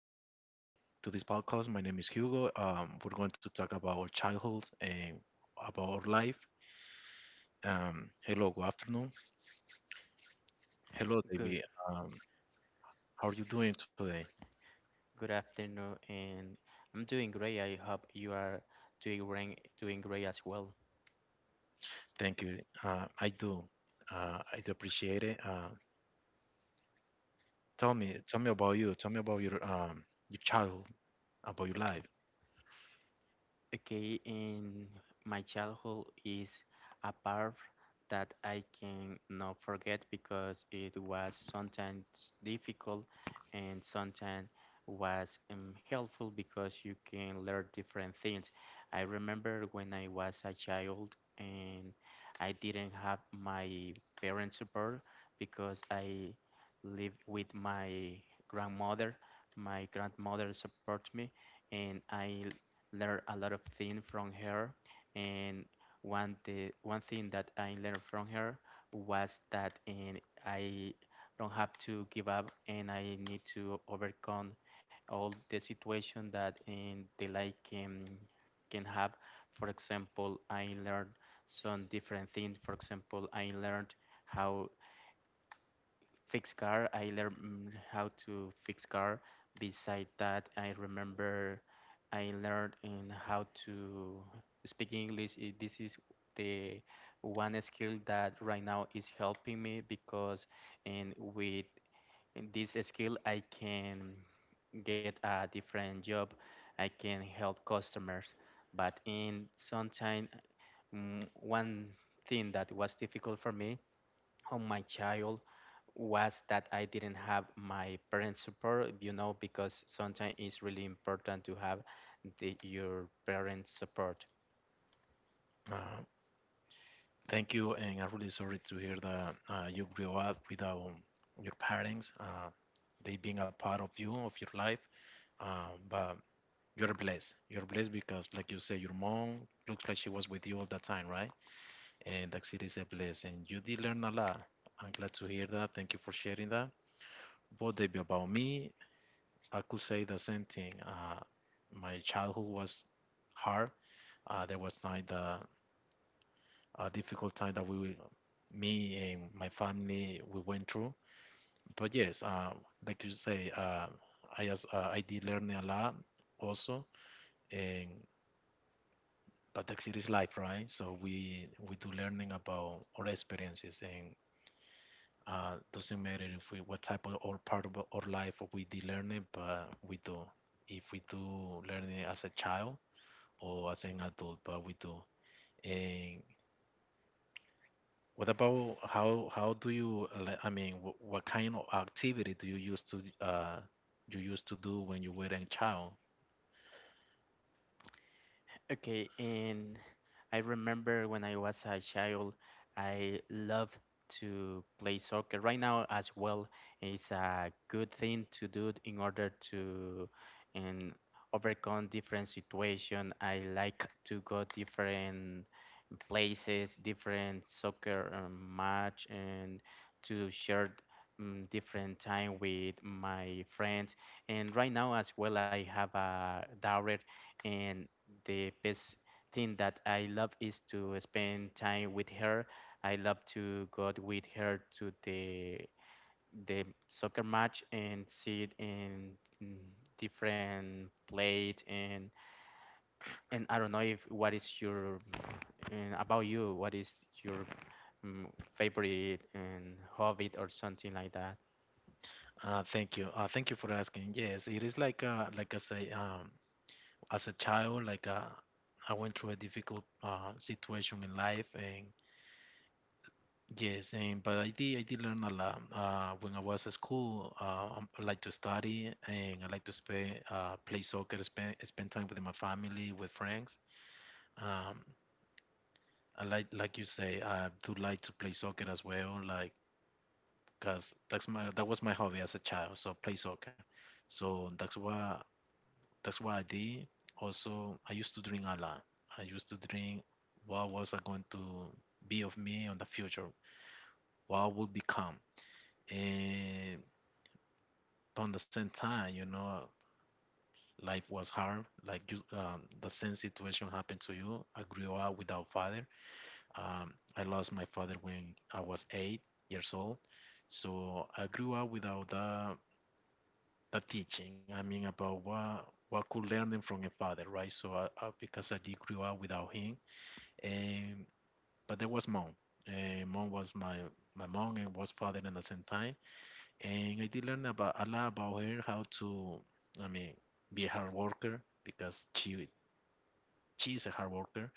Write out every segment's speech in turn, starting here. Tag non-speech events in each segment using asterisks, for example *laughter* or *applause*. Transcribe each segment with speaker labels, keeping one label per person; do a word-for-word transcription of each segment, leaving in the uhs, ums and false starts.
Speaker 1: to to this podcast. My name is Hugo. Um, we're going to talk about our childhood and about our life. Um, hello, good afternoon. Hello,
Speaker 2: Good,
Speaker 1: David. Um, how are you doing today?
Speaker 2: good afternoon, and I'm doing great. I hope you are doing great, doing great as well.
Speaker 1: Thank you. Uh, I do. Uh, I do appreciate it. Uh, tell me, tell me about you. Tell me about your um your childhood, about your life.
Speaker 2: Okay, in my childhood is a part that I can not forget because it was sometimes difficult and sometimes was um, helpful because you can learn different things. I remember when I was a child and I didn't have my parents' support because I lived with my grandmother. My grandmother supported me and I learn a lot of things from her. And one the one thing that I learned from her was that and I don't have to give up and I need to overcome all the situation that in the life can can have. For example, I learned some different things. For example, I learned how fix car. I learned mm, how to fix car. Beside that, I remember I learned in how to speak English. Eh, This is the one skill that right now is helping me because and with this skill I can get a different job. I can help customers. But in sometime, mm, one thing that was difficult for me on my child was that I didn't have my parents' support, you know, because sometimes it's really important to have the, your parents' support.
Speaker 1: Uh, Thank you, and I'm really sorry to hear that uh, you grew up without your parents. Uh, they being a part of you, of your life. Uh, but you're blessed. You're blessed because, like you say, your mom looks like she was with you all the time, right? And that's it is a bless. And you did learn a lot. I'm glad to hear that. Thank you for sharing that. But David, about me, I could say the same thing. Uh, my childhood was hard. Uh, there was like the a difficult time that we, me and my family, we went through. But yes, uh, like you say, uh, I as uh, I did learn a lot also, and but the it is life, right? So we we do learning about our experiences and uh, doesn't matter if we what type of or part of our life we did learn it, but we do. If we do learn it as a child or as an adult, but we do. And what about how how do you le- I mean what, what kind of activity do you used to uh you used to do when you were a child?
Speaker 2: Okay, and I remember when I was a child, I loved to play soccer. Right now, as well, it's a good thing to do in order to and overcome different situation. I like to go different places, different soccer um, match, and to share um, different time with my friends. And right now as well, I have a daughter, and the best thing that I love is to spend time with her. I love to go with her to the the soccer match and see it in mm, different plate and and I don't know if what is your and about you, what is your mm, favorite and hobby or something like that.
Speaker 1: Uh, thank you. Uh, thank you for asking. Yes, it is like uh, like I say. Um, as a child, like uh, I went through a difficult uh, situation in life, and yes, and but I did I did learn a lot uh, when I was at school. Uh, um, I like to study, and I like to spend uh, play soccer, spend spend time with my family, with friends. Um, I like like you say, I do like to play soccer as well, like because that's my that was my hobby as a child. So play soccer. So that's why That's what I did. Also, I used to drink a lot. I used to drink what was I going to be of me in the future, what I would become. And but on the same time, you know, life was hard. Like you, um, the same situation happened to you. I grew up without father. Um, I lost my father when I was eight years old. So I grew up without that, that teaching. I mean, about what what could learning from a father, right? So I, I, because I did grew up without him, Um, but there was mom. Uh, mom was my my mom and was father at the same time, and I did learn about a lot about her how to, I mean, be a hard worker because she she is a hard worker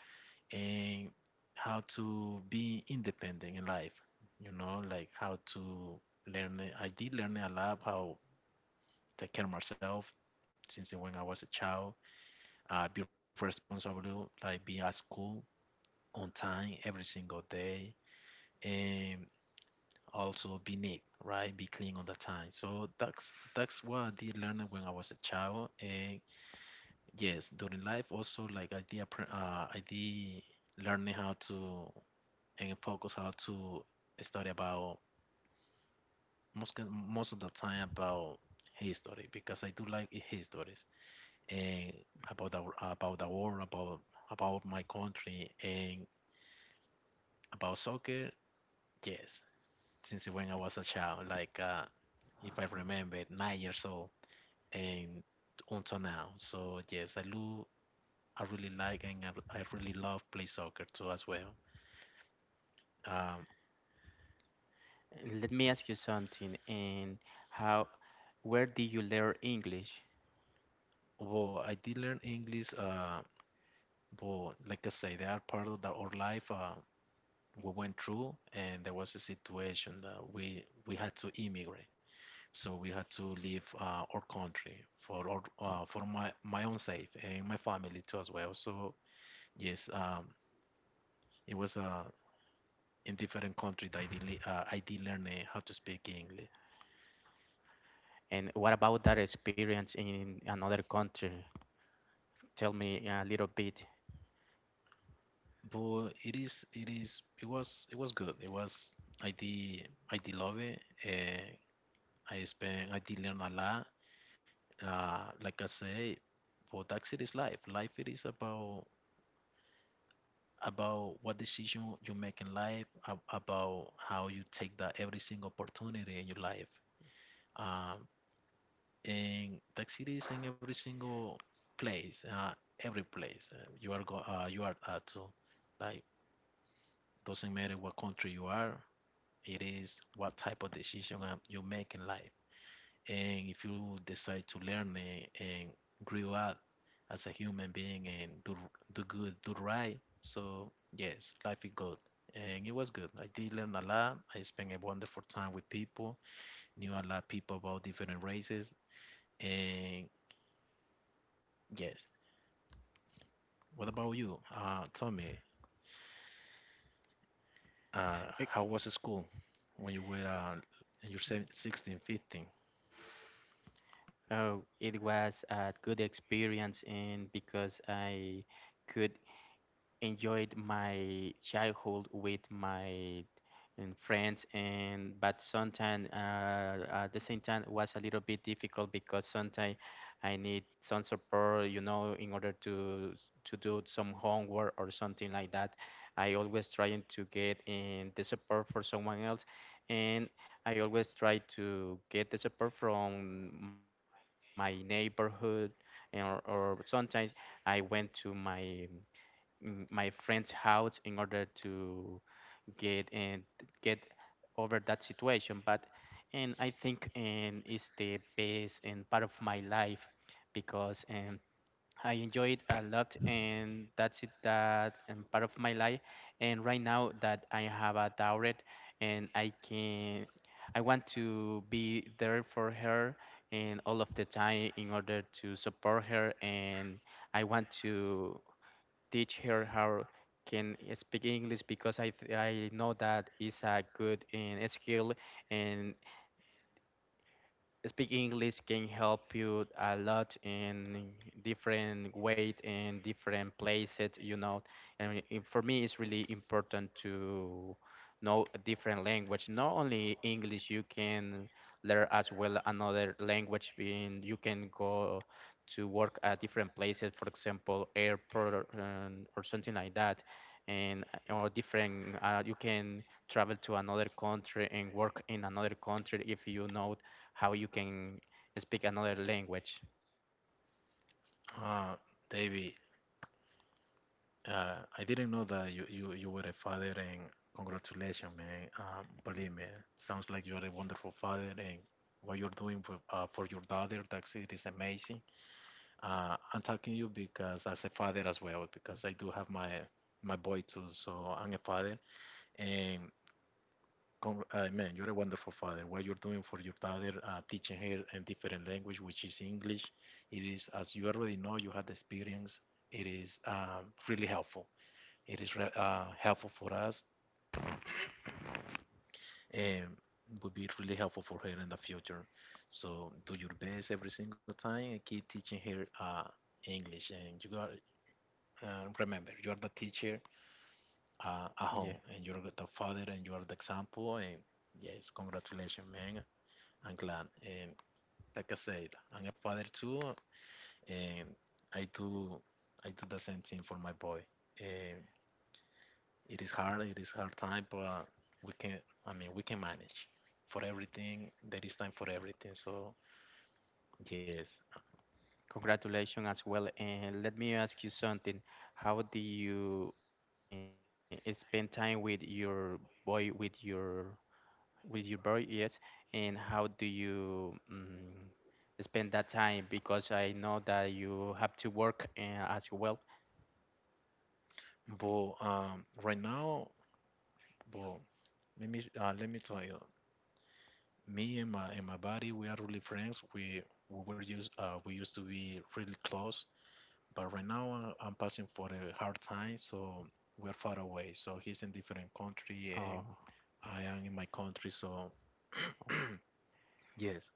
Speaker 1: and how to be independent in life. You know, like how to learn. it- I did learn a lot how take care of myself since when I was a child. Uh, be responsible, like be at school on time every single day. And also be neat, right? Be clean all the time. So that's that's what I did learn when I was a child. And yes, during life also like I did appre- uh, I did learning how to and focus how to study about most ki- most of the time about history because I do like histories and about the about the war about about my country and about soccer. Yes, since when I was a child, like. Uh, if I remember, nine years old. And until now. So yes, I do. I really like and I, I really love play soccer too as well. Um,
Speaker 2: And Let me ask you something. And how, where did you learn English?
Speaker 1: well, I did learn English. Uh, but like I say, they are part of the, our life. Uh, we went through, and there was a situation that we we had to immigrate. So we had to leave uh, our country for our, uh,
Speaker 2: Ok.
Speaker 1: for my my own sake and my family too as well. So yes, um, it was a in different country that I did, le- uh, I did learn uh, how to speak English.
Speaker 2: And what about that experience in another country? Tell me a little bit.
Speaker 1: But it is it is it was it was good, it was i did I did love it, and i spent I did learn a lot, uh like I say. But that's it is life, life it is about about what decision you make in life ab- about how you take that every single opportunity in your life, um and that's it is in every single place, uh every place, uh, you are go uh, you are at to, like, doesn't matter what country you are, it is what type of decision um, you make in life. And if you decide to learn and grow up as a human being and do do good, do right, so yes, life is good. And it was good. I did learn a lot. I spent a wonderful time with people, knew a lot of people about different races. And yes, what about you? Uh, tell me, uh,
Speaker 2: Eh,
Speaker 1: how was school when you were uh, in your sixteen, fifteen?
Speaker 2: Oh, it was a good experience, and because I could enjoyed my childhood with my um, friends and but sometimes uh, at the same time it was a little bit difficult because sometimes I need some support you know in order to s- to do some homework or something like that. I always trying to get in the support for someone else and I always try to get the support from my neighborhood and or, or sometimes I went to my mm, my friend's house in order to get and get over that situation but and I think and it's the best and part of my life because and I enjoy it a lot and that's it that and part of my life and right now that I have a daughter and I can I want to be there for her and all of the time in order to support her and I want to teach her how can speak English because I th- I know that is a good in skill and speaking English can help you a lot in different way in different places, you know. And it- for me, it's really important to know a different language. Not only English, you can learn as well another language. Being you can go to work at different places, for example, airport or, um, or something like that. And uh, or different, uh, you can travel to another country and work in another country if you know how you can speak another language.
Speaker 1: Ah, Davey, uh, I didn't know that you, you, you were a father, and congratulations, man. Um, believe me, sounds like you are a wonderful father, and what you're doing for, uh, for your daughter, that's it, is amazing. Uh, I'm talking to you because as a father as well, because I do have my my boy too, so I'm a father, and Con- uh, man, you're a wonderful father. What you're doing for your daughter, uh, teaching her a different language, which is English, it is, as you already know, you had the experience. It is um, really helpful. It is re- uh, helpful for us and will be really helpful for her in the future. So do your best every single time and keep teaching her uh, English. And you got, uh, remember, you are the teacher uh, at
Speaker 2: Yeah,
Speaker 1: home, and you're the father, and you are the example. And yes, congratulations, man. I'm glad. Um, like I said, I'm a father too, and I do I do the same thing for my boy. And it is hard, it is hard time, but we can. I mean, we can manage. For everything, there is time for everything. So yes,
Speaker 2: congratulations as well. And let me ask you something. How do you uh, spend time with your boy, with your with your boy? Yes, and how do you um, spend that time? Because I know that you have to work uh, as well.
Speaker 1: but um, right now, but let me uh, let me tell you, me and my and my buddy, we are really friends. We we were used uh, we used to be really close. But right now uh, I'm passing for a hard time, so we're far away. So he's in different country and
Speaker 2: Oh.
Speaker 1: I am in my country. So yes,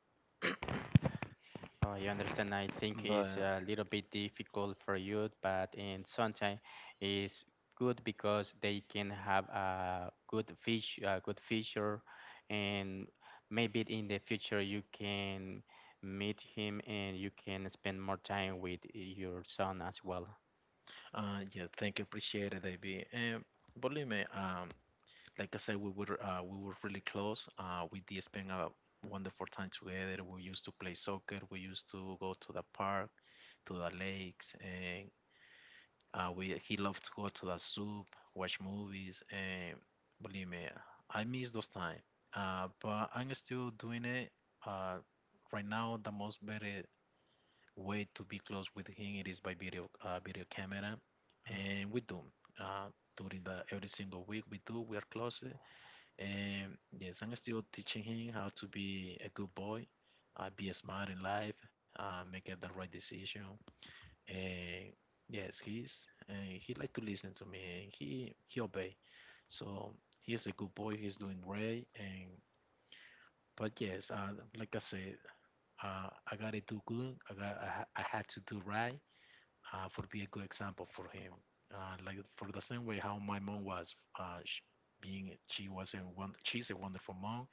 Speaker 2: Oh, I understand. I think it's
Speaker 1: but
Speaker 2: a little bit difficult for you, but in sunshine is good because they can have a good fish, a good feature, and maybe in the future you can meet him and you can spend more time with your son as well.
Speaker 1: uh, yeah, thank you, appreciate it, David. And believe me, um, like I said, we were uh, we were really close. Uh, we did spend a wonderful time together. We used to play soccer. We used to go to the park, to the lakes, and Uh, we he loved to go to the soup, watch movies, and believe me, I miss those time. Uh, but I'm still doing it. Uh, right now, the most better way to be close with him it is by video uh, video camera, and we do. Uh, During the every single week we do we are close, and yes, I'm still teaching him how to be a good boy, uh, be smart in life, uh, make the right decision, uh, yes, he's uh, he like to listen to me and he he obey. So he's a good boy. He's doing great. And but yes, uh, like I said, uh, I gotta do good. I got I, ha- I had to do right uh, for be a good example for him. Uh, like for the same way how my mom was uh, sh being she was a one she's a wonderful mom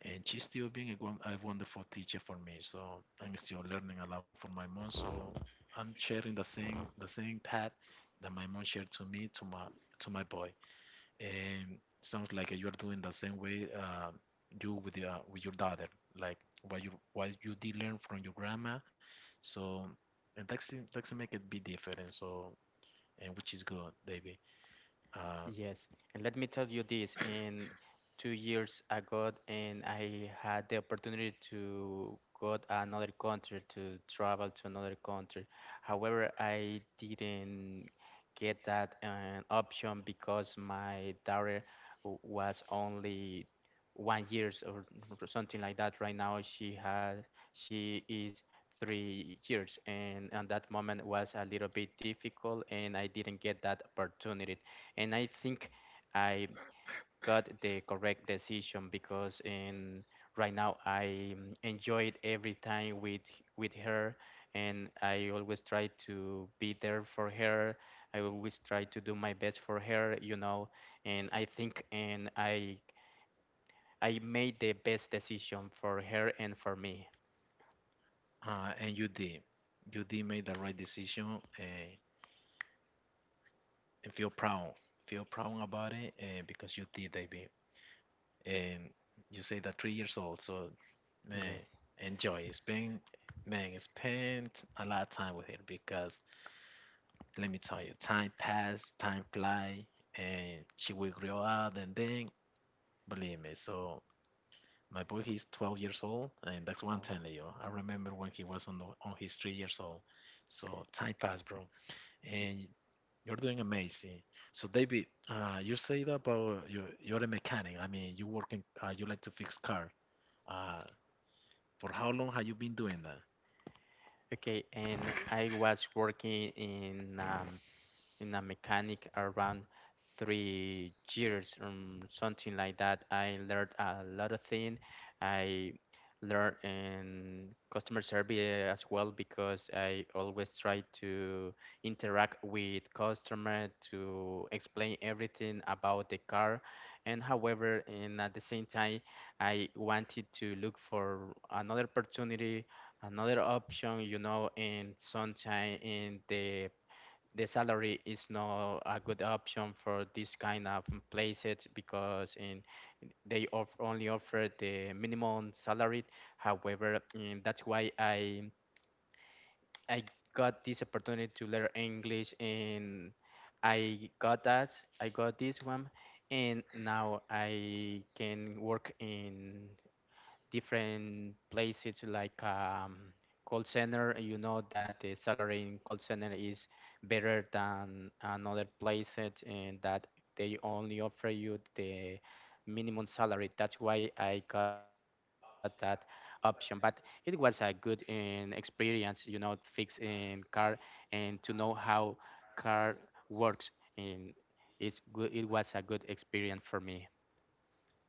Speaker 1: and she's still being a, gon- a wonderful teacher for me. So I'm still learning a lot from my mom. So I'm sharing the same the same path that my mom shared to me to my to my boy. And sounds like you're doing the same way uh, you with your with your daughter, like what you what you did learn from your grandma. So and that's it- that's make it be different. So and which is good, baby. Uh,
Speaker 2: Yes, and let me tell you this. In two years ago, and I had the opportunity to go to another country to travel to another country. However, I didn't get that uh, option because my daughter w- was only one years or or something like that. Right now, she had she is three years, and at that moment was a little bit difficult, and I didn't get that opportunity and I think I got the correct decision because in right now I mm, enjoyed every time with with her and I always try to be there for her. I always try to do my best for her, you know, and I think and I I made the best decision for her and for me.
Speaker 1: uh, and you did. You did make the right decision. Uh, and feel proud. Feel proud about it uh, because you did that. And you say that three years old, so man,
Speaker 2: Yes.
Speaker 1: enjoy. Spend Man, spend a lot of time with her because let me tell you, time pass, time fly, and she will grow up and then believe me. So my boy, he's twelve years old, and that's one time,
Speaker 2: Oh.
Speaker 1: Leo. I remember when he was on the, on his three years old. So time pass, bro. And you're doing amazing. So David, uh, you say that about you you're a mechanic. I mean, you work in uh, you like to fix car. Uh, for how long have you been doing that?
Speaker 2: Okay, and I was working in um, in a mechanic around three years um, something like that. I learned a lot of things. I learned in customer service as well because I always try to interact with customer to explain everything about the car and however and at the same time I wanted to look for another opportunity, another option, you know. And sometime in the the salary is not a good option for this kind of places because in they off, only offer the minimum salary. However, mm, that's why I I got this opportunity to learn English and I got that I got this one and now I can work in different places like um, call center. You know that the salary in call center is better than another place it- and that they only offer you the minimum salary. That's why I got that option. But it was a good um, experience, you know, fixing car and to know how car works in it's good. It was a good experience for me.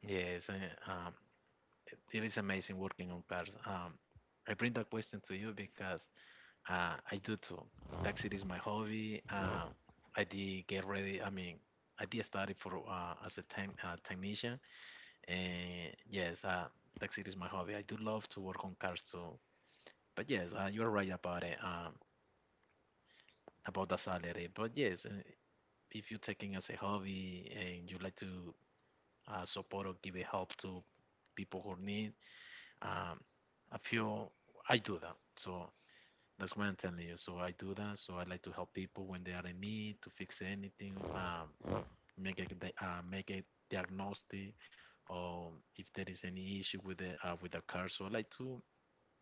Speaker 1: Yes, and, um, it is amazing working on cars. Um, I bring that question to you because uh, I do too. Taxi is my hobby. Uh, I did get ready. I mean, I did study for uh, as a time uh, technician, and yes, uh, taxi is my hobby. I do love to work on cars too. But yes, uh, you're right about it, um, about the salary. But yes, uh, if you're taking as a hobby and you like to uh, support or give a help to people who need, um, I feel I do that. So that's what I'm telling you. So I do that. So I like to help people when they are in need to fix anything, um, make a di- uh, make a diagnostic, or if there is any issue with the uh, with the car. So I like to,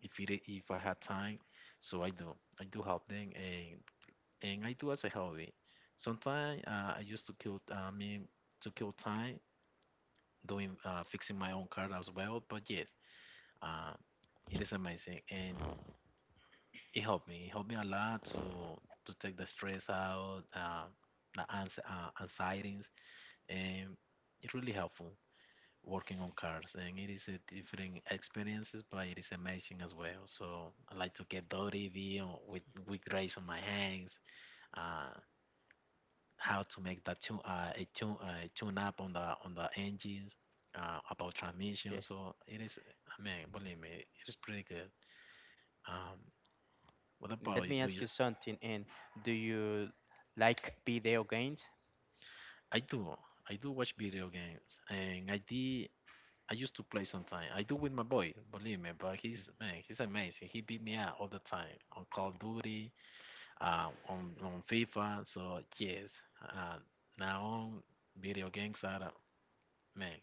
Speaker 1: if it, if I had time. So I do, I do help them, and and I do as a hobby. Sometimes uh, I used to kill, ah, I mean, to kill time doing uh, fixing my own car as well. But yes, uh, it is amazing, and it helped me. It helped me a lot to to take the stress out, uh, the ans- uh, anxieties, and it really helpful working on cars. And it is a different experiences, but it is amazing as well. So I like to get dirty be on- with with grease on my hands. Uh, how to make that tune uh, a tune uh, tune up on the on the engines uh, about
Speaker 2: Yeah.
Speaker 1: transmission. So it is, I mean, believe me, it is pretty good. Um, what about
Speaker 2: Let
Speaker 1: you?
Speaker 2: me
Speaker 1: Do
Speaker 2: ask
Speaker 1: you?
Speaker 2: you something. And do you like video games?
Speaker 1: I do. I do watch video games, and I did. I used to play sometimes. I do with my boy, believe me, but he's man, he's amazing. He beat me out all the time on Call of Duty, uh, on on FIFA. So yes, uh, now on video games are uh, man.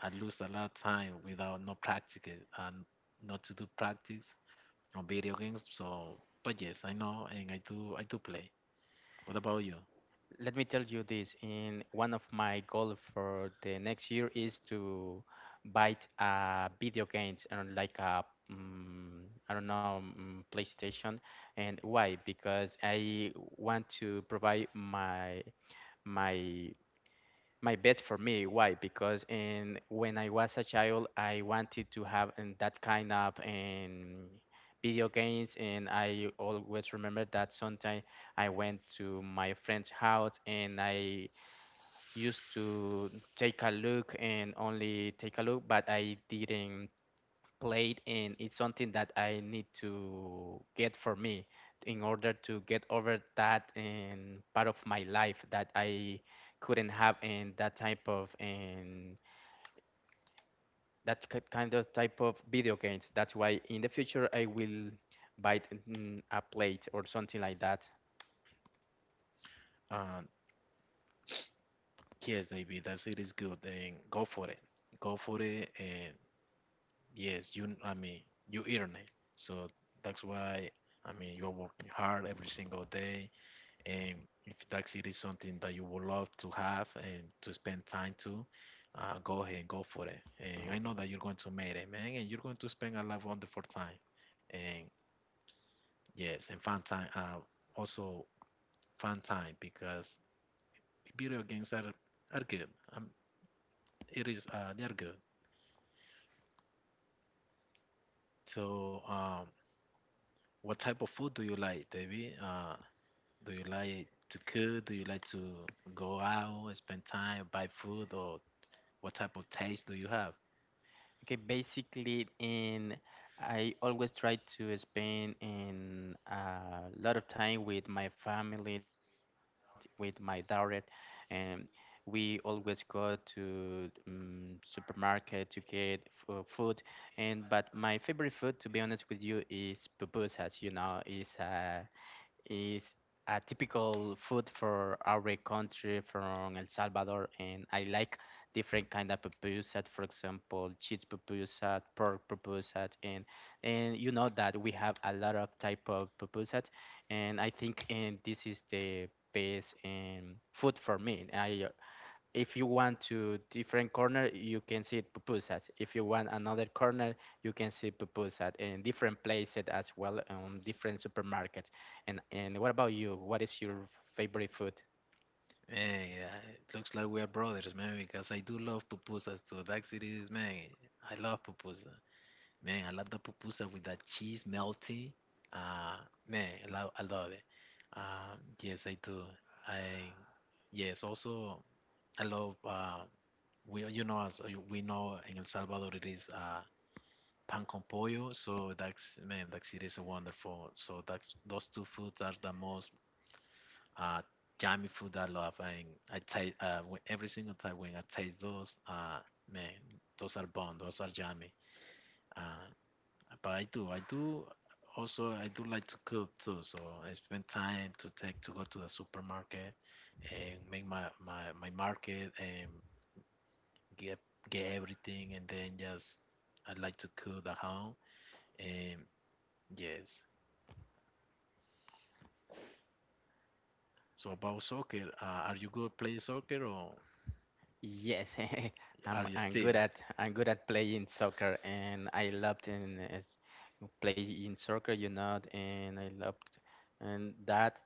Speaker 1: I lose a lot of time without no practice and not to do practice on video games. So, but yes, I know and I do I do play. What about you?
Speaker 2: Let me tell you this. In one of my goals for the next year is to buy a video games and like a mm, I don't know mm, PlayStation. And why? Because I want to provide my my My best for me. Why? Because in when I was a child, I wanted to have in that kind of in video games, and I always remember that sometime I went to my friend's house and I used to take a look and only take a look, but I didn't played and it's something that I need to get for me in order to get over that and part of my life that I couldn't have in that type of and that ki- kind of type of video games. That's why in the future I will buy mm, a plate or something like that.
Speaker 1: Uh, yes, David, that it is good. And go for it. Go for it. And yes, you. I mean, you earn it. So that's why. I mean, you're working hard every single day. And if taxi is something that you would love to have and to spend time to, uh, go ahead, and go for it. And I know that you're going to make it, man, and you're going to spend a lot of wonderful time. And yes, and fun time. Uh, also fun time because video games are are good. Um, it is uh, They are good. So um, what type of food do you like, David? Uh, do you like to cook? Do you like to go out, spend time, buy food, or what type of taste do you have?
Speaker 2: Okay, basically, in I always try to spend in a lot of time with my family, t- with my daughter, and we always go to um, supermarket to get f- uh, food. And but my favorite food, to be honest with you, is pupusas. You know, is a is a typical food for our country from El Salvador, and I like different kind of pupusas, for example, cheese pupusas, pork pupusas, and and you know that we have a lot of type of pupusas, and I think and this is the best um, food for me. I If you want to different corner, you can see pupusas. If you want another corner, you can see pupusas in different places as well, on different supermarkets. And and what about you, what is your favorite food?
Speaker 1: Man, yeah, it looks like we are brothers, man, because I do love pupusas too. That's it is, man. I love pupusa. Man, I love the pupusa with that cheese melty. Uh, Man, I love, I love it. Um, yes, I do. I, yes, also, I love, uh, we, you know, as you- we know in El Salvador, it is uh, pan con pollo. So that's, man, that's it is wonderful. So that's, those two foods are the most uh, yummy food I love. And I taste uh, when, every single time when I taste those, uh, man, those are bomb. Those are yummy. Uh, but I do, I do also, I do like to cook too. So I spend time to take to go to the supermarket and make my my, my market and get get everything, and then just I like to cook the home. And yes. So about soccer, uh, are you good playing soccer or
Speaker 2: Yes, *laughs*
Speaker 1: are
Speaker 2: I'm
Speaker 1: you
Speaker 2: I'm good
Speaker 1: still?
Speaker 2: at I'm good at playing soccer, and I loved in is playing soccer, you know, and I loved and that,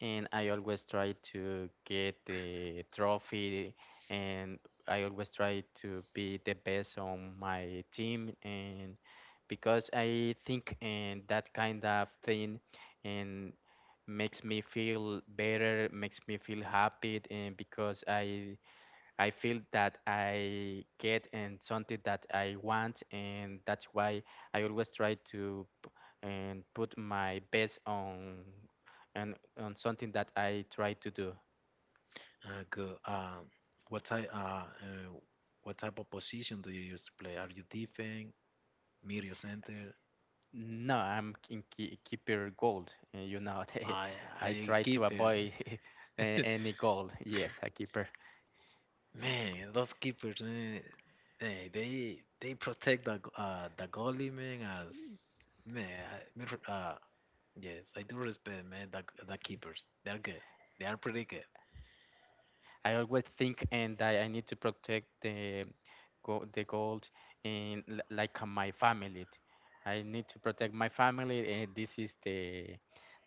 Speaker 2: and I always try to get the trophy, and I always try to be the best on my team, and because I think and that kind of thing, and makes me feel better, makes me feel happy, and because I I feel that I get and something that I want, and that's why I always try to and put my best on and on something that I try to do.
Speaker 1: Uh, good. Uh, what type uh, uh, what type of position do you used to play? Are you defense, middle center?
Speaker 2: No, I'm in ki- keeper gold, uh, you know. *laughs*
Speaker 1: I Are
Speaker 2: I
Speaker 1: you
Speaker 2: try to
Speaker 1: keeper?
Speaker 2: avoid *laughs* a- any gold. Yes, a keeper.
Speaker 1: Man, those keepers, man, eh, they they protect the g- uh the goalie, man. As man, I, me re- uh, yes, I do respect, man. The the keepers, they're good. They are pretty good.
Speaker 2: I always think and I, I need to protect the go, the gold in l- like uh, my family. I need to protect my family, and this is the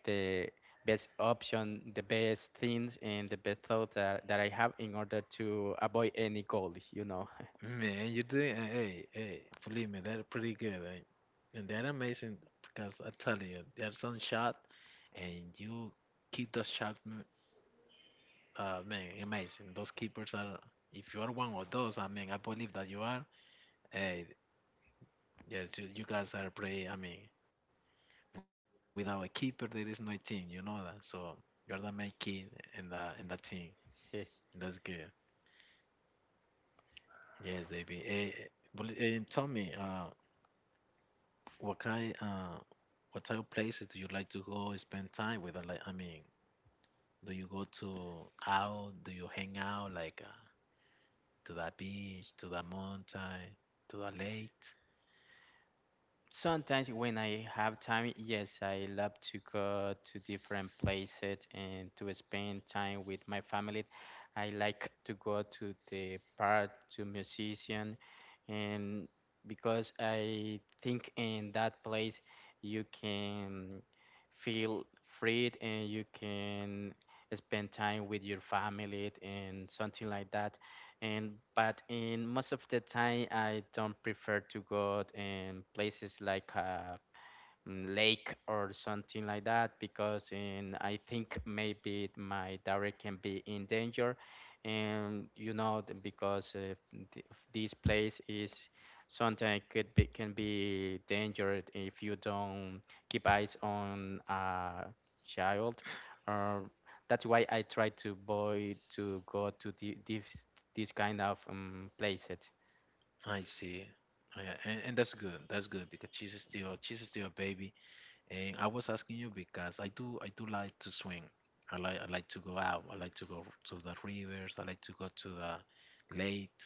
Speaker 2: the best option, the best things, and the best thought that, that I have in order to avoid any gold. You know.
Speaker 1: Man, you did. Eh, hey, hey, believe me, that's pretty good. Eh. And they're amazing because I tell you, there's some shot, and you keep those shot. M- Uh, man, amazing. Those keepers are. If you are one of those, I mean, I believe that you are. Hey, yes, you, you guys are pretty. I mean, without a keeper, there is no team. You know that. So you're the main kid in the in the team.
Speaker 2: *laughs*
Speaker 1: That's good. Yes, baby. Hey, but, and tell me, uh, what kind, uh, what type of places do you like to go spend time with? Or like, I mean, do you go to out? Do you hang out like uh, to the beach, to the mountain, to the lake?
Speaker 2: Sometimes when I have time, yes, I love to go to different places and to spend time with my family. I like to go to the park, to musician, and because I think in that place you can feel free and you can spend time with your family and something like that and but in most of the time I don't prefer to go in places like uh, mm, lake or something like that because in, I think maybe my dairy can be in danger. And you know, th- because uh, th- this place is sometimes could be can be dangerous if you don't keep eyes on a child. Or that's why I try to avoid to go to the, this this kind of um, places.
Speaker 1: I see. Oh, yeah, and, and that's good. That's good because she's still she's still a baby. And I was asking you because I do I do like to swim. I like I like to go out. I like to go to the rivers. I like to go to the lake,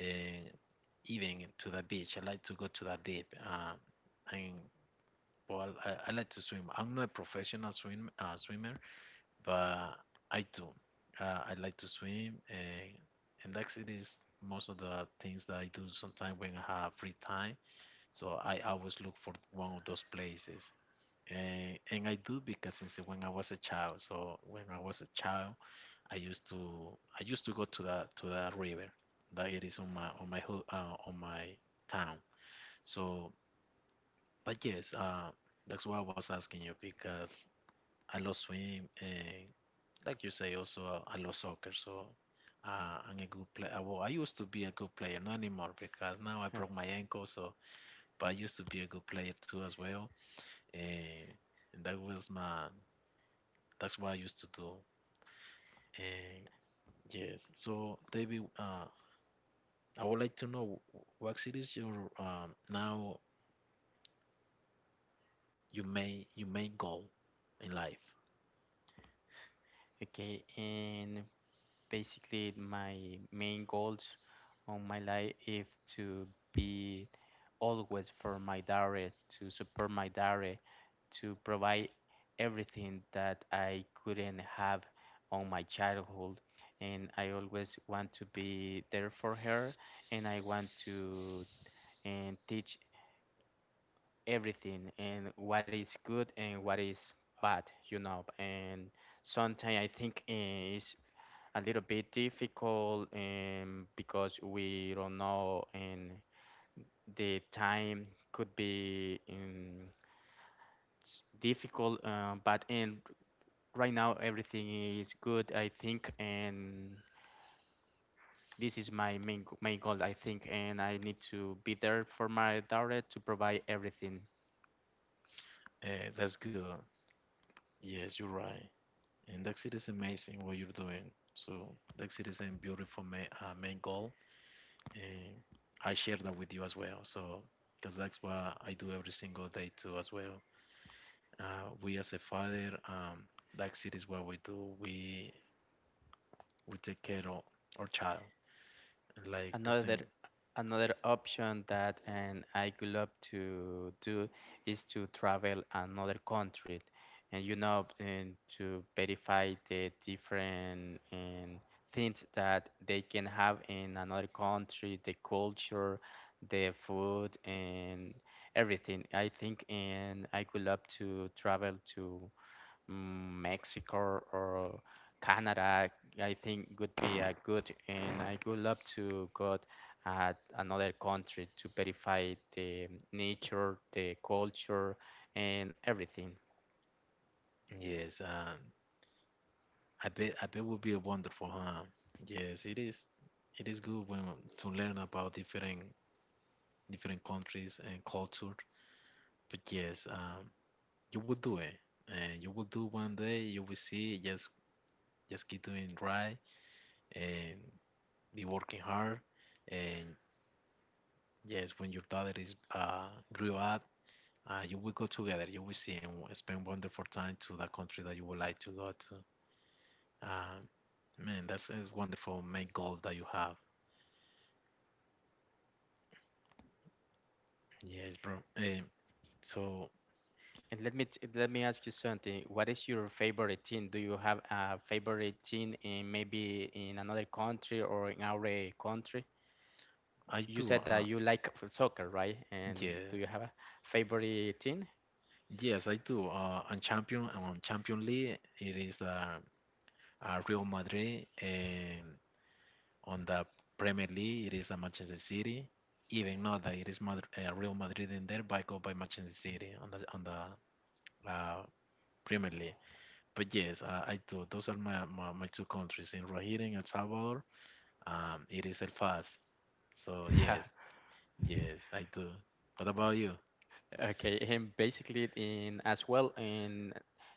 Speaker 1: and even to the beach. I like to go to the deep. Um, and well, I, I like to swim. I'm not a professional swim uh, swimmer, but I do. Uh, I like to swim, and and actually, is most of the things that I do sometimes when I have free time. So I always look for one of those places and, and I do because since when I was a child. So when I was a child, I used to I used to go to that to that river that it is on my on my ho- uh, on my town. So, but yes, uh, that's why I was asking you because I love swim and like you say also uh, I love soccer. So. Uh, I'm a good player. Well, I used to be a good player, not anymore because now I
Speaker 2: Huh.
Speaker 1: broke my ankle. So, but I used to be a good player too as well. And and that was my that's what I used to do. And yes, so David, uh, I would like to know what is your um now you main you main goal in life.
Speaker 2: Okay, and basically my main goals on my life is to be always for my daughter, to support my daughter, to provide everything that I couldn't have on my childhood. And I always want to be there for her, and I want to and teach everything and what is good and what is bad, you know. And sometimes I think eh, it's a little bit difficult um, because we don't know and the time could be um, s- difficult um, but and right now everything is good I think and this is my main g- main goal I think and I need to be there for my daughter to provide everything.
Speaker 1: Uh, that's good. Yes, you're right. And that it is amazing what you're doing. So that it is a beautiful main, uh, main goal, and I share that with you as well. So because that's what I do every single day too as well. Uh, we as a father, um, that it is what we do. We we take care of our child. Like the
Speaker 2: Another
Speaker 1: same,
Speaker 2: another option that and I could love to do is to travel another country, and you know, and to verify the different and things that they can have in another country, the culture, the food, and everything. I think, and I could love to travel to mm, Mexico or Canada, I think would be a good, and I would love to go at another country to verify the nature, the culture, and everything.
Speaker 1: yes, um I bet I bet would be a wonderful, huh? Yes, it is it is good when to learn about different different countries and culture. But yes, um you will do it. And you will do one day, you will see, just just keep doing right and be working hard and yes, when your daughter is uh grew up uh, you will go together. You will see and spend wonderful time to the country that you would like to go to. Uh, Man, that's is wonderful main goal that you have. Yes, bro. Um, so
Speaker 2: And let me t- let me ask you something. What is your favorite team? Do you have a favorite team in maybe in another country or in our country?
Speaker 1: I
Speaker 2: You
Speaker 1: do.
Speaker 2: said that
Speaker 1: Uh,
Speaker 2: you like f- soccer, right? And
Speaker 1: yeah,
Speaker 2: do you have a favorite team?
Speaker 1: yes, I do. Uh, and champion and on Champion League, it is uh, uh, Real Madrid, and on the Premier League, it is uh, Manchester City. Even though that it is Madrid, uh, Real Madrid in there, but I go by Manchester City on the on the uh, Premier League. But yes, uh, I do. Those are my, my, my two countries in Rohit and El Salvador. Um, it is El Fast. So yes,
Speaker 2: *laughs*
Speaker 1: yes, I do. What about you?
Speaker 2: Okay, and basically in as well in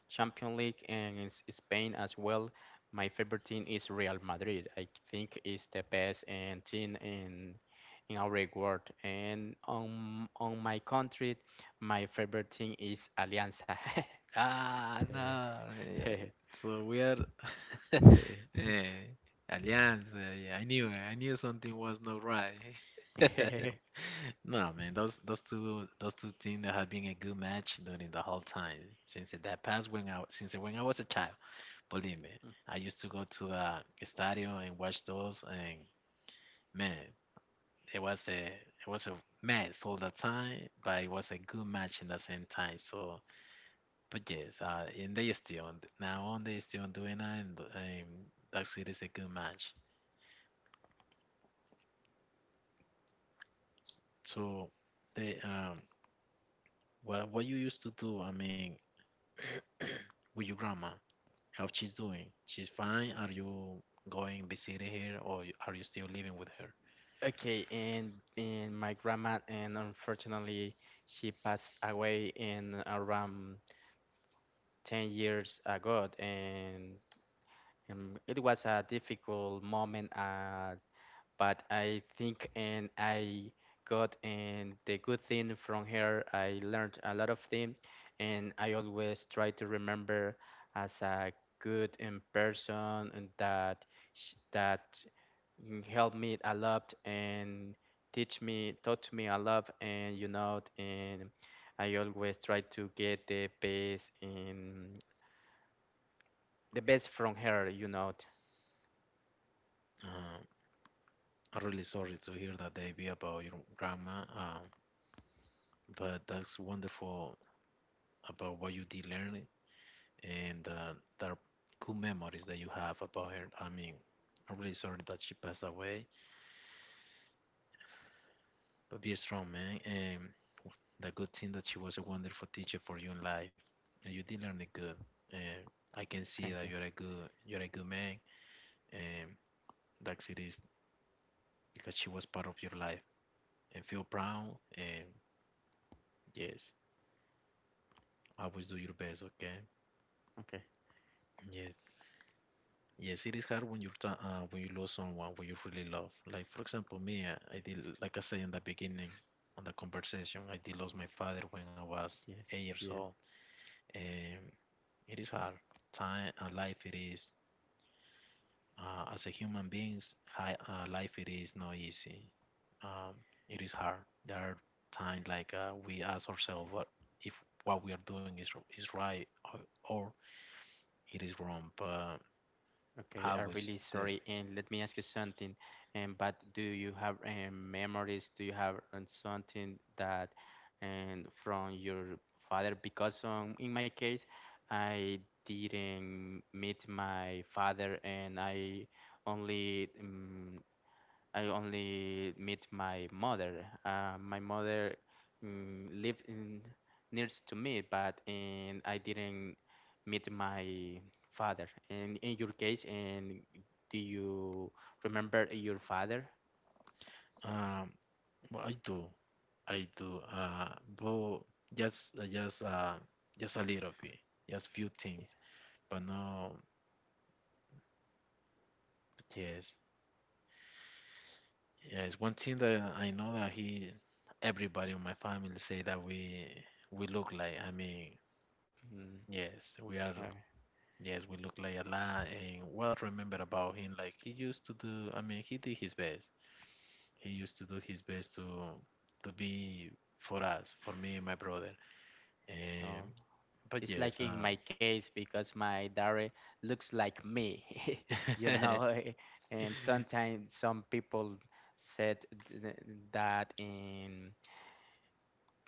Speaker 2: Champions League and in S- Spain as well, my favorite team is Real Madrid. I think it's the best and team in in our world. And on on my country, my favorite team is Alianza.
Speaker 1: Ah, no.
Speaker 2: *laughs*
Speaker 1: Eh,
Speaker 2: *laughs*
Speaker 1: so we are *laughs* eh, Alliance. Eh, I knew, eh, I knew something was not right. *laughs* No, man, those those two those two teams that have been a good match during the whole time since that past when I since when I was a child. Believe me, I used to go to the stadium and watch those, and man. it was a it was a mess all the time, but it was a good match in the same time. So, but yes, uh, and they still now on they still doing that, and um, Dark City is a good match. So, they um, what what you used to do? I mean, *coughs* *clears throat* with your grandma, how she's doing? She's fine. Are you going visiting her, or you- are you still living with her?
Speaker 2: Okay, and, and my grandma, and unfortunately, she passed away in around ten years ago, and Um, it was a difficult moment, uh, but I think and I got and the good thing from her. I learned a lot of things, and I always try to remember as a good in person and that sh that mm, helped me a lot and teach me taught me a lot and you know and I always try to get the best in the best from her, you know.
Speaker 1: Uh, I'm really sorry to hear that, Davey, about your grandma. Um, but that's wonderful about what you did learn and uh, the cool memories that you have about her. I mean, I'm really sorry that she passed away, but be strong, man. And the good thing that she was a wonderful teacher for you in life, and you did learn it good. And I can see
Speaker 2: Thank
Speaker 1: that
Speaker 2: you.
Speaker 1: you're a good, you're a good man, and that's it is because she was part of your life. And feel proud, and yes, always do your best, okay?
Speaker 2: Okay.
Speaker 1: Yes, yes, it is hard when you're ta- uh, when you lose someone when you really love. Like for example, me, I, I did like I said in the beginning, on the conversation, I did lose my father when I was
Speaker 2: Yes,
Speaker 1: eight years
Speaker 2: yes.
Speaker 1: old, and it is hard. Time, uh, life, it is. Uh, as a human beings, hi, uh, life it is not easy. Um, it is hard. There are times like uh, we ask ourselves what if what we are doing is is right or, or it is wrong. But
Speaker 2: Okay,
Speaker 1: I
Speaker 2: I'm really
Speaker 1: was the
Speaker 2: sorry. And let me ask you something. Um, but do you have um, memories? Do you have um, something that um, from your father? Because um, in my case, I didn't meet my father, and I only um, I only meet my mother. Uh, my mother mm, lived in nears to me, but and I didn't meet my father. And in your case, and do you remember your father?
Speaker 1: um well, I do, I do. Uh, but just, uh, just, uh, just a little bit, just few
Speaker 2: Yeah.
Speaker 1: things. But no, yes, yes. One thing that I know that he, everybody in my family say that we, we look like. I mean,
Speaker 2: Mm,
Speaker 1: yes, we are.
Speaker 2: uh,
Speaker 1: Yes, we look like a lot. And what I remember about him, like he used to do. I mean, he did his best. He used to do his best to, to be for us, for me and my brother.
Speaker 2: oh.
Speaker 1: And but
Speaker 2: It's
Speaker 1: yes,
Speaker 2: like in
Speaker 1: um,
Speaker 2: my case because my diary looks like me, *laughs* you know.
Speaker 1: *laughs*
Speaker 2: eh,
Speaker 1: *laughs*
Speaker 2: And sometimes some people said th- that in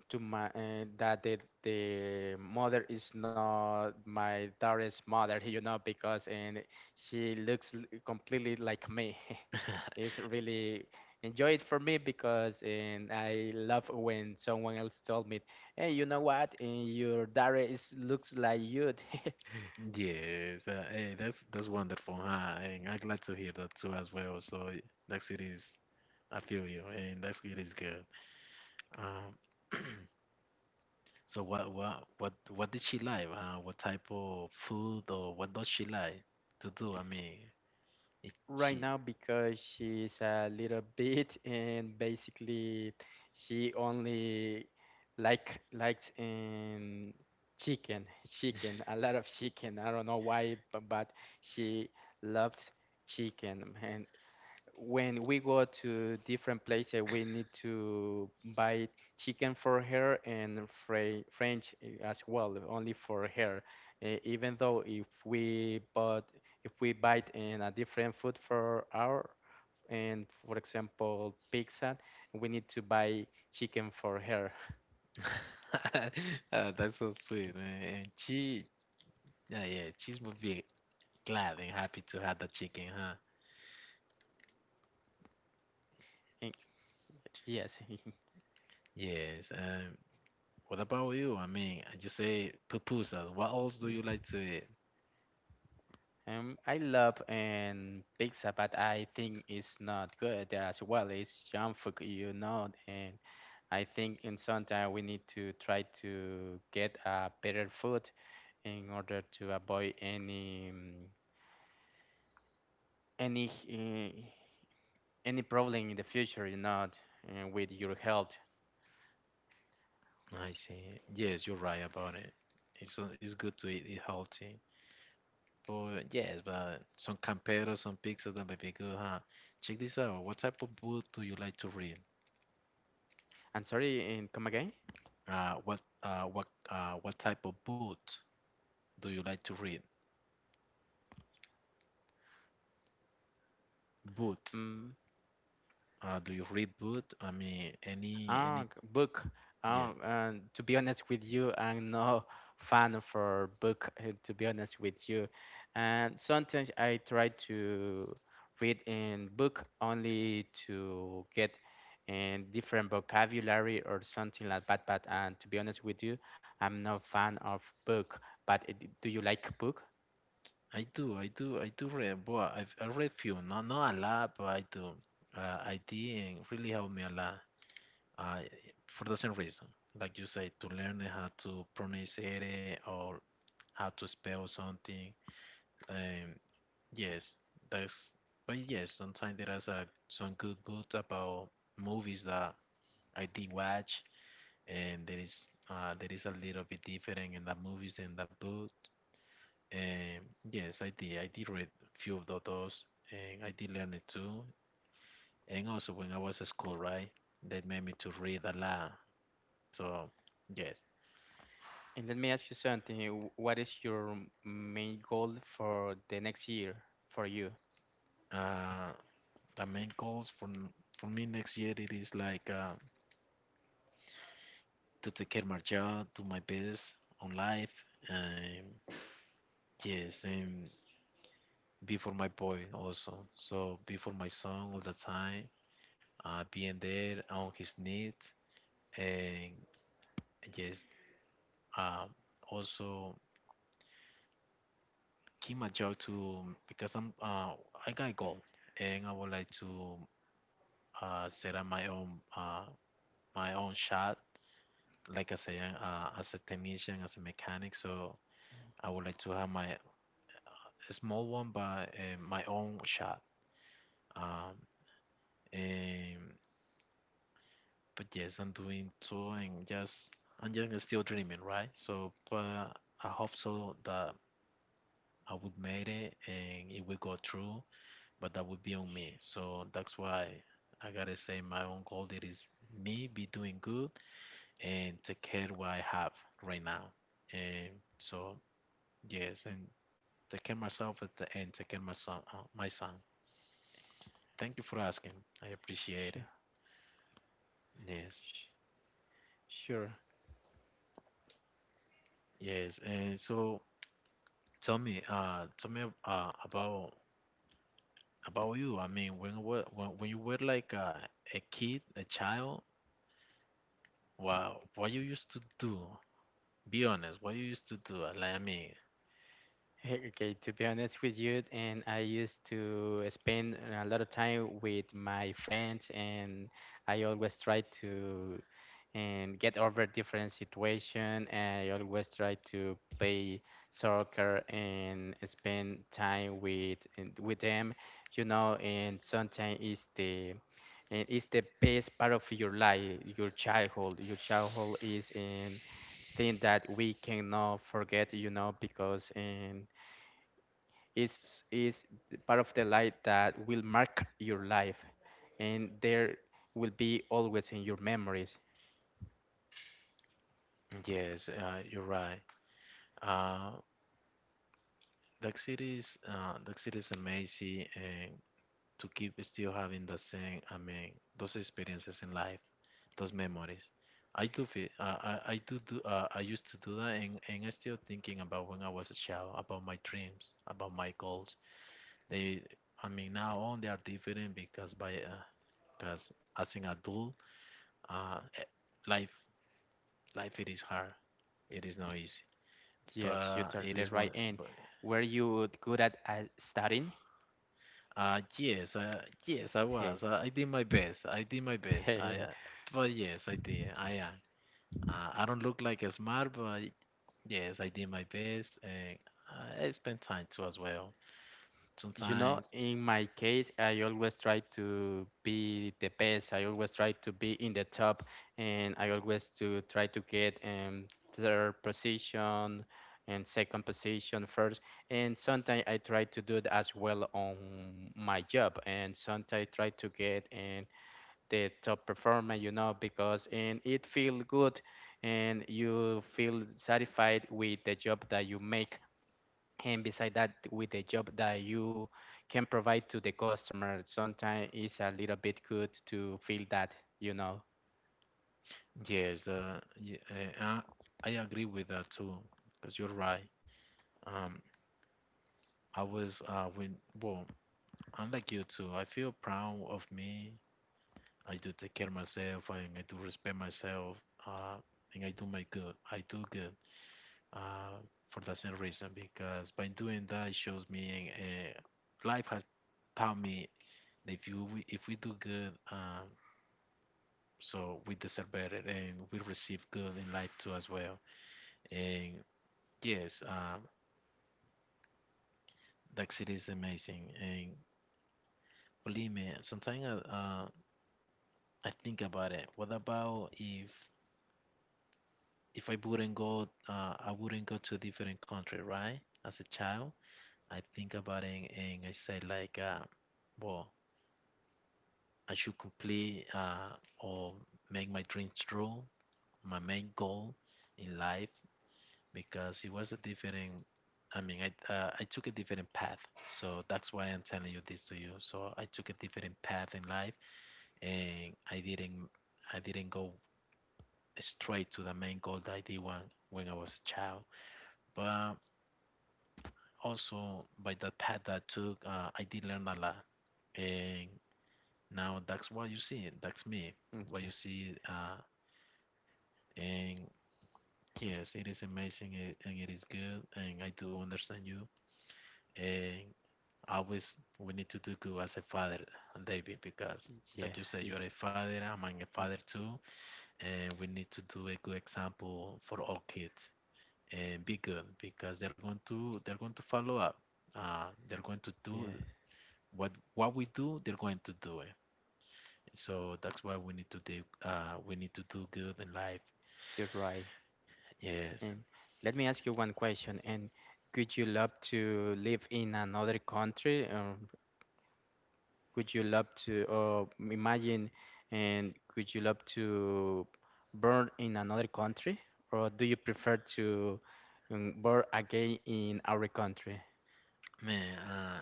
Speaker 2: to my uh, that the the mother is not my daughter's mother, *laughs* you know, because and she looks l- completely like me. *laughs* It's really enjoy it for me because and I love when someone else told me, "Hey, you know what? And your daughter is looks like you." *laughs*
Speaker 1: yes, uh, hey, that's that's wonderful, huh? And I'm glad to hear that too as well. So y- that it is, I feel you, and that it is good. Um, *clears throat* so what what what what did she like? Uh, what type of food or what does she like to do? I mean, it,
Speaker 2: Right
Speaker 1: she.
Speaker 2: now because she's a little *laughs* bit and basically she only like likes um chicken, chicken a lot of chicken, I don't know why but, but she loved chicken and when we go to different places, we need to buy chicken for her and fry French eh, as well, only for her. Eh, even though if we bought, if we buy in a different food for our, and for example pizza, we need to buy chicken for her.
Speaker 1: *laughs* Uh, that's so sweet, man. And she, yeah, yeah, she would be glad and happy to have the chicken, huh?
Speaker 2: Eh, yes.
Speaker 1: Yes. Um, what about you? I mean, you say pupusas. What else do you
Speaker 2: *laughs*
Speaker 1: like to eat?
Speaker 2: Um, I love and pizza, but I think it's not good as well. It's junk food, you know, and I think in some time we need to try to get a better food in order to avoid any um, any uh, any problem in the future, you know, uh, with your health.
Speaker 1: I see. Yes, you're right about it. It's uh, it's good to eat it healthy. But yes, but some camperos, some pizzas that may be good, huh? Check this out. What type of book do you like to read?
Speaker 2: I'm sorry, and come again?
Speaker 1: Uh, what uh, what uh, what type of book do you like to read? Book.
Speaker 2: Mm.
Speaker 1: Uh, do you read book? I mean, any
Speaker 2: Ah,
Speaker 1: any?
Speaker 2: g- book.
Speaker 1: Yeah,
Speaker 2: Um, and to be honest with you, I'm no *laughs* fan for book. Uh, to be honest with you, and sometimes I try to read in book only to get in different vocabulary or something like that. But and to be honest with you, I'm no fan of book. But uh, d- do you like book?
Speaker 1: I do, I do, I do read. Boy, I've, I read few, not not a lot, but I do. Uh, I did, and really helped me a lot. Uh, for the same reason, like you say, to learn how to pronounce it or how to spell something. Um, yes, that's. But yes, sometimes there is a some good book about movies that I did watch, and there is uh there is a little bit different in the movies and the book. Um, yes, I did. I did read a few of tho- those, and I did learn it too. And also, when I was at school, right, they made me to read a lot. So, yes.
Speaker 2: And let me ask you something. w- What is your main goal for the next year for you?
Speaker 1: Uh, the main goals for n- for me next year it is like uh, to take care of my job, do my best on life, and yes, and be for my boy also. So be for my son all the time. Uh, being there on his needs, and yes, um also. Keep my job to because I'm uh I got goal, and I would like to uh set up my own uh my own shop, like I say, uh, as a technician, as a mechanic. So I would like to have my a small one, but uh, my own shop, um and but yes, I'm doing so, and just I'm just still dreaming, right? So but I hope so that I would make it and it will go through, but that would be on me. So that's why I gotta say my own goal, that is me be doing good and take care what I have right now. And so yes, and take care myself at the end, take care my son, uh, my son. Thank you for asking. I appreciate
Speaker 2: Sure,
Speaker 1: it. Yes,
Speaker 2: sure. Sure.
Speaker 1: yes. And so tell me, uh, tell me uh, about about you. I mean, when were when, when you were like uh, a kid, a child, what what you used to do? Be honest, what you used to do. uh, Like, I mean,
Speaker 2: Hey, okay, to be honest with you, and I used to spend a lot of time with my friends, and I always try to and get over different situation. I always try to play soccer and spend time with and with them, you know. And sometimes it's the and it's the best part of your life, your childhood. Your childhood is in thing that we cannot forget, you know, because in is is the part of the light that will mark your life and there will be always in your memories.
Speaker 1: yes, uh, you're right. Uh, Duck City is uh, Duck City is amazing, and to keep still having the same, I mean, those experiences in life, those memories. I do feel, uh, I, I do do, uh, I used to do that, and, and i still thinking about when I was a child, about my dreams, about my goals. They, I mean, now on they are different because by, uh, because as an adult, uh, eh, life, life it is hard. It is not easy,
Speaker 2: Yes,
Speaker 1: but
Speaker 2: you're
Speaker 1: it
Speaker 2: totally
Speaker 1: is one.
Speaker 2: right. And
Speaker 1: But
Speaker 2: were you good at, at studying?
Speaker 1: uh, yes, uh, yes, I was.
Speaker 2: Hey.
Speaker 1: I, I did my best. I did my best. I, uh,
Speaker 2: *laughs*
Speaker 1: but yes, I did. I am. Uh, I don't look like a smart, but yes, I did my best, and I spent time too as well.
Speaker 2: You know,
Speaker 1: Sometimes,
Speaker 2: in my case, I always try to be the best. I always try to be in the top, and I always to try to get um, third position and second position first. And sometimes I try to do it as well on my job, and sometimes I try to get in the top performer, you know, because and it feel good, and you feel satisfied with the job that you make and beside that with the job that you can provide to the customer sometimes it's a little bit good to feel that, you know.
Speaker 1: yes, uh, y- uh, I I agree with that too, because you're right. Um, I was uh when well, I'm like you too. I feel proud of me. I do take care of myself and I do respect myself. Uh, and I do my good. I do good. Uh, for the same reason, because by doing that it shows me, uh, life has taught me that if you we, if we do good, um, so we deserve better and we receive good in life too as well. And yes, uh, that city is amazing, and believe me sometimes, uh, uh I think about it. What about if if I wouldn't go, uh, I wouldn't go to a different country, right? As a child, I think about it and I say like, uh, well, I should complete, uh, or make my dreams true, my main goal in life, because it was a different. I mean, I uh, I took a different path, so that's why I'm telling you this to you. So I took a different path in life, and I didn't I didn't go straight to the main goal that I did when, when I was a child. But also by the path that I took, uh, I did learn a lot. And now that's what you see. That's me. What
Speaker 2: Okay.
Speaker 1: you see. Uh, and yes, it is amazing and it is good. And I do understand you. And always we need to do good as a father, David, because
Speaker 2: Yes.
Speaker 1: like you said,
Speaker 2: y-
Speaker 1: you're a father. I'm a
Speaker 2: mm,
Speaker 1: father too. And we need to do a good example for all kids, and
Speaker 2: y-
Speaker 1: be good because they're going to they're going to follow up. Uh, they're going to do
Speaker 2: yes,
Speaker 1: what what we do. They're going to do it. So that's why we need to do uh, we need to do good in life.
Speaker 2: you're right.
Speaker 1: Yes,
Speaker 2: And let me ask you one question. And could you love to live in another country or could you love to or imagine and could you love to born in another country or do you prefer to um, born again in our country?
Speaker 1: man. Uh,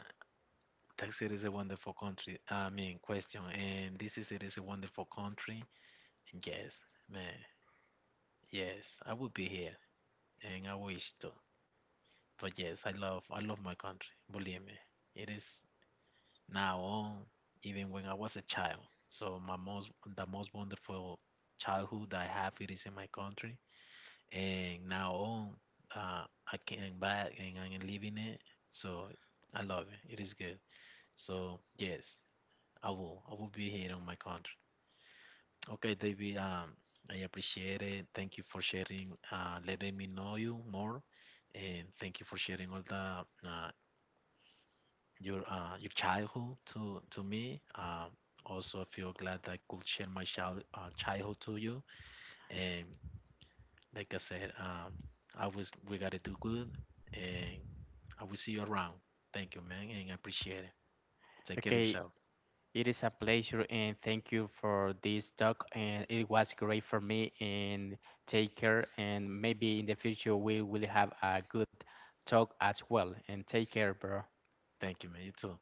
Speaker 1: Texas is a wonderful country. I mean, question. And this is it is a wonderful country. And yes, man. Yes, I would be here, and I wish to. But yes, I love I love my country. Believe me, it is now on, even when I was a child. So my most the most wonderful childhood that I have it is in my country, and now on, uh, I came back and I'm living it. So I love it. It is good. So yes, I will. I will be here on my country. Okay, David. Um, I appreciate it. Thank you for sharing. Uh, letting me know you more, and thank you for sharing all the uh, your uh, your childhood to to me. Um, also, I feel glad that I could share my child uh, childhood to you. And like I said, um, I was we gotta do good, and I will see you around. Thank you, man, and I appreciate it. Take care of
Speaker 2: Okay,
Speaker 1: yourself.
Speaker 2: it is a pleasure and thank you for this talk and it was great for me and take care and maybe in the future we will have a good talk as well and take care, bro.
Speaker 1: Thank you, man. You too.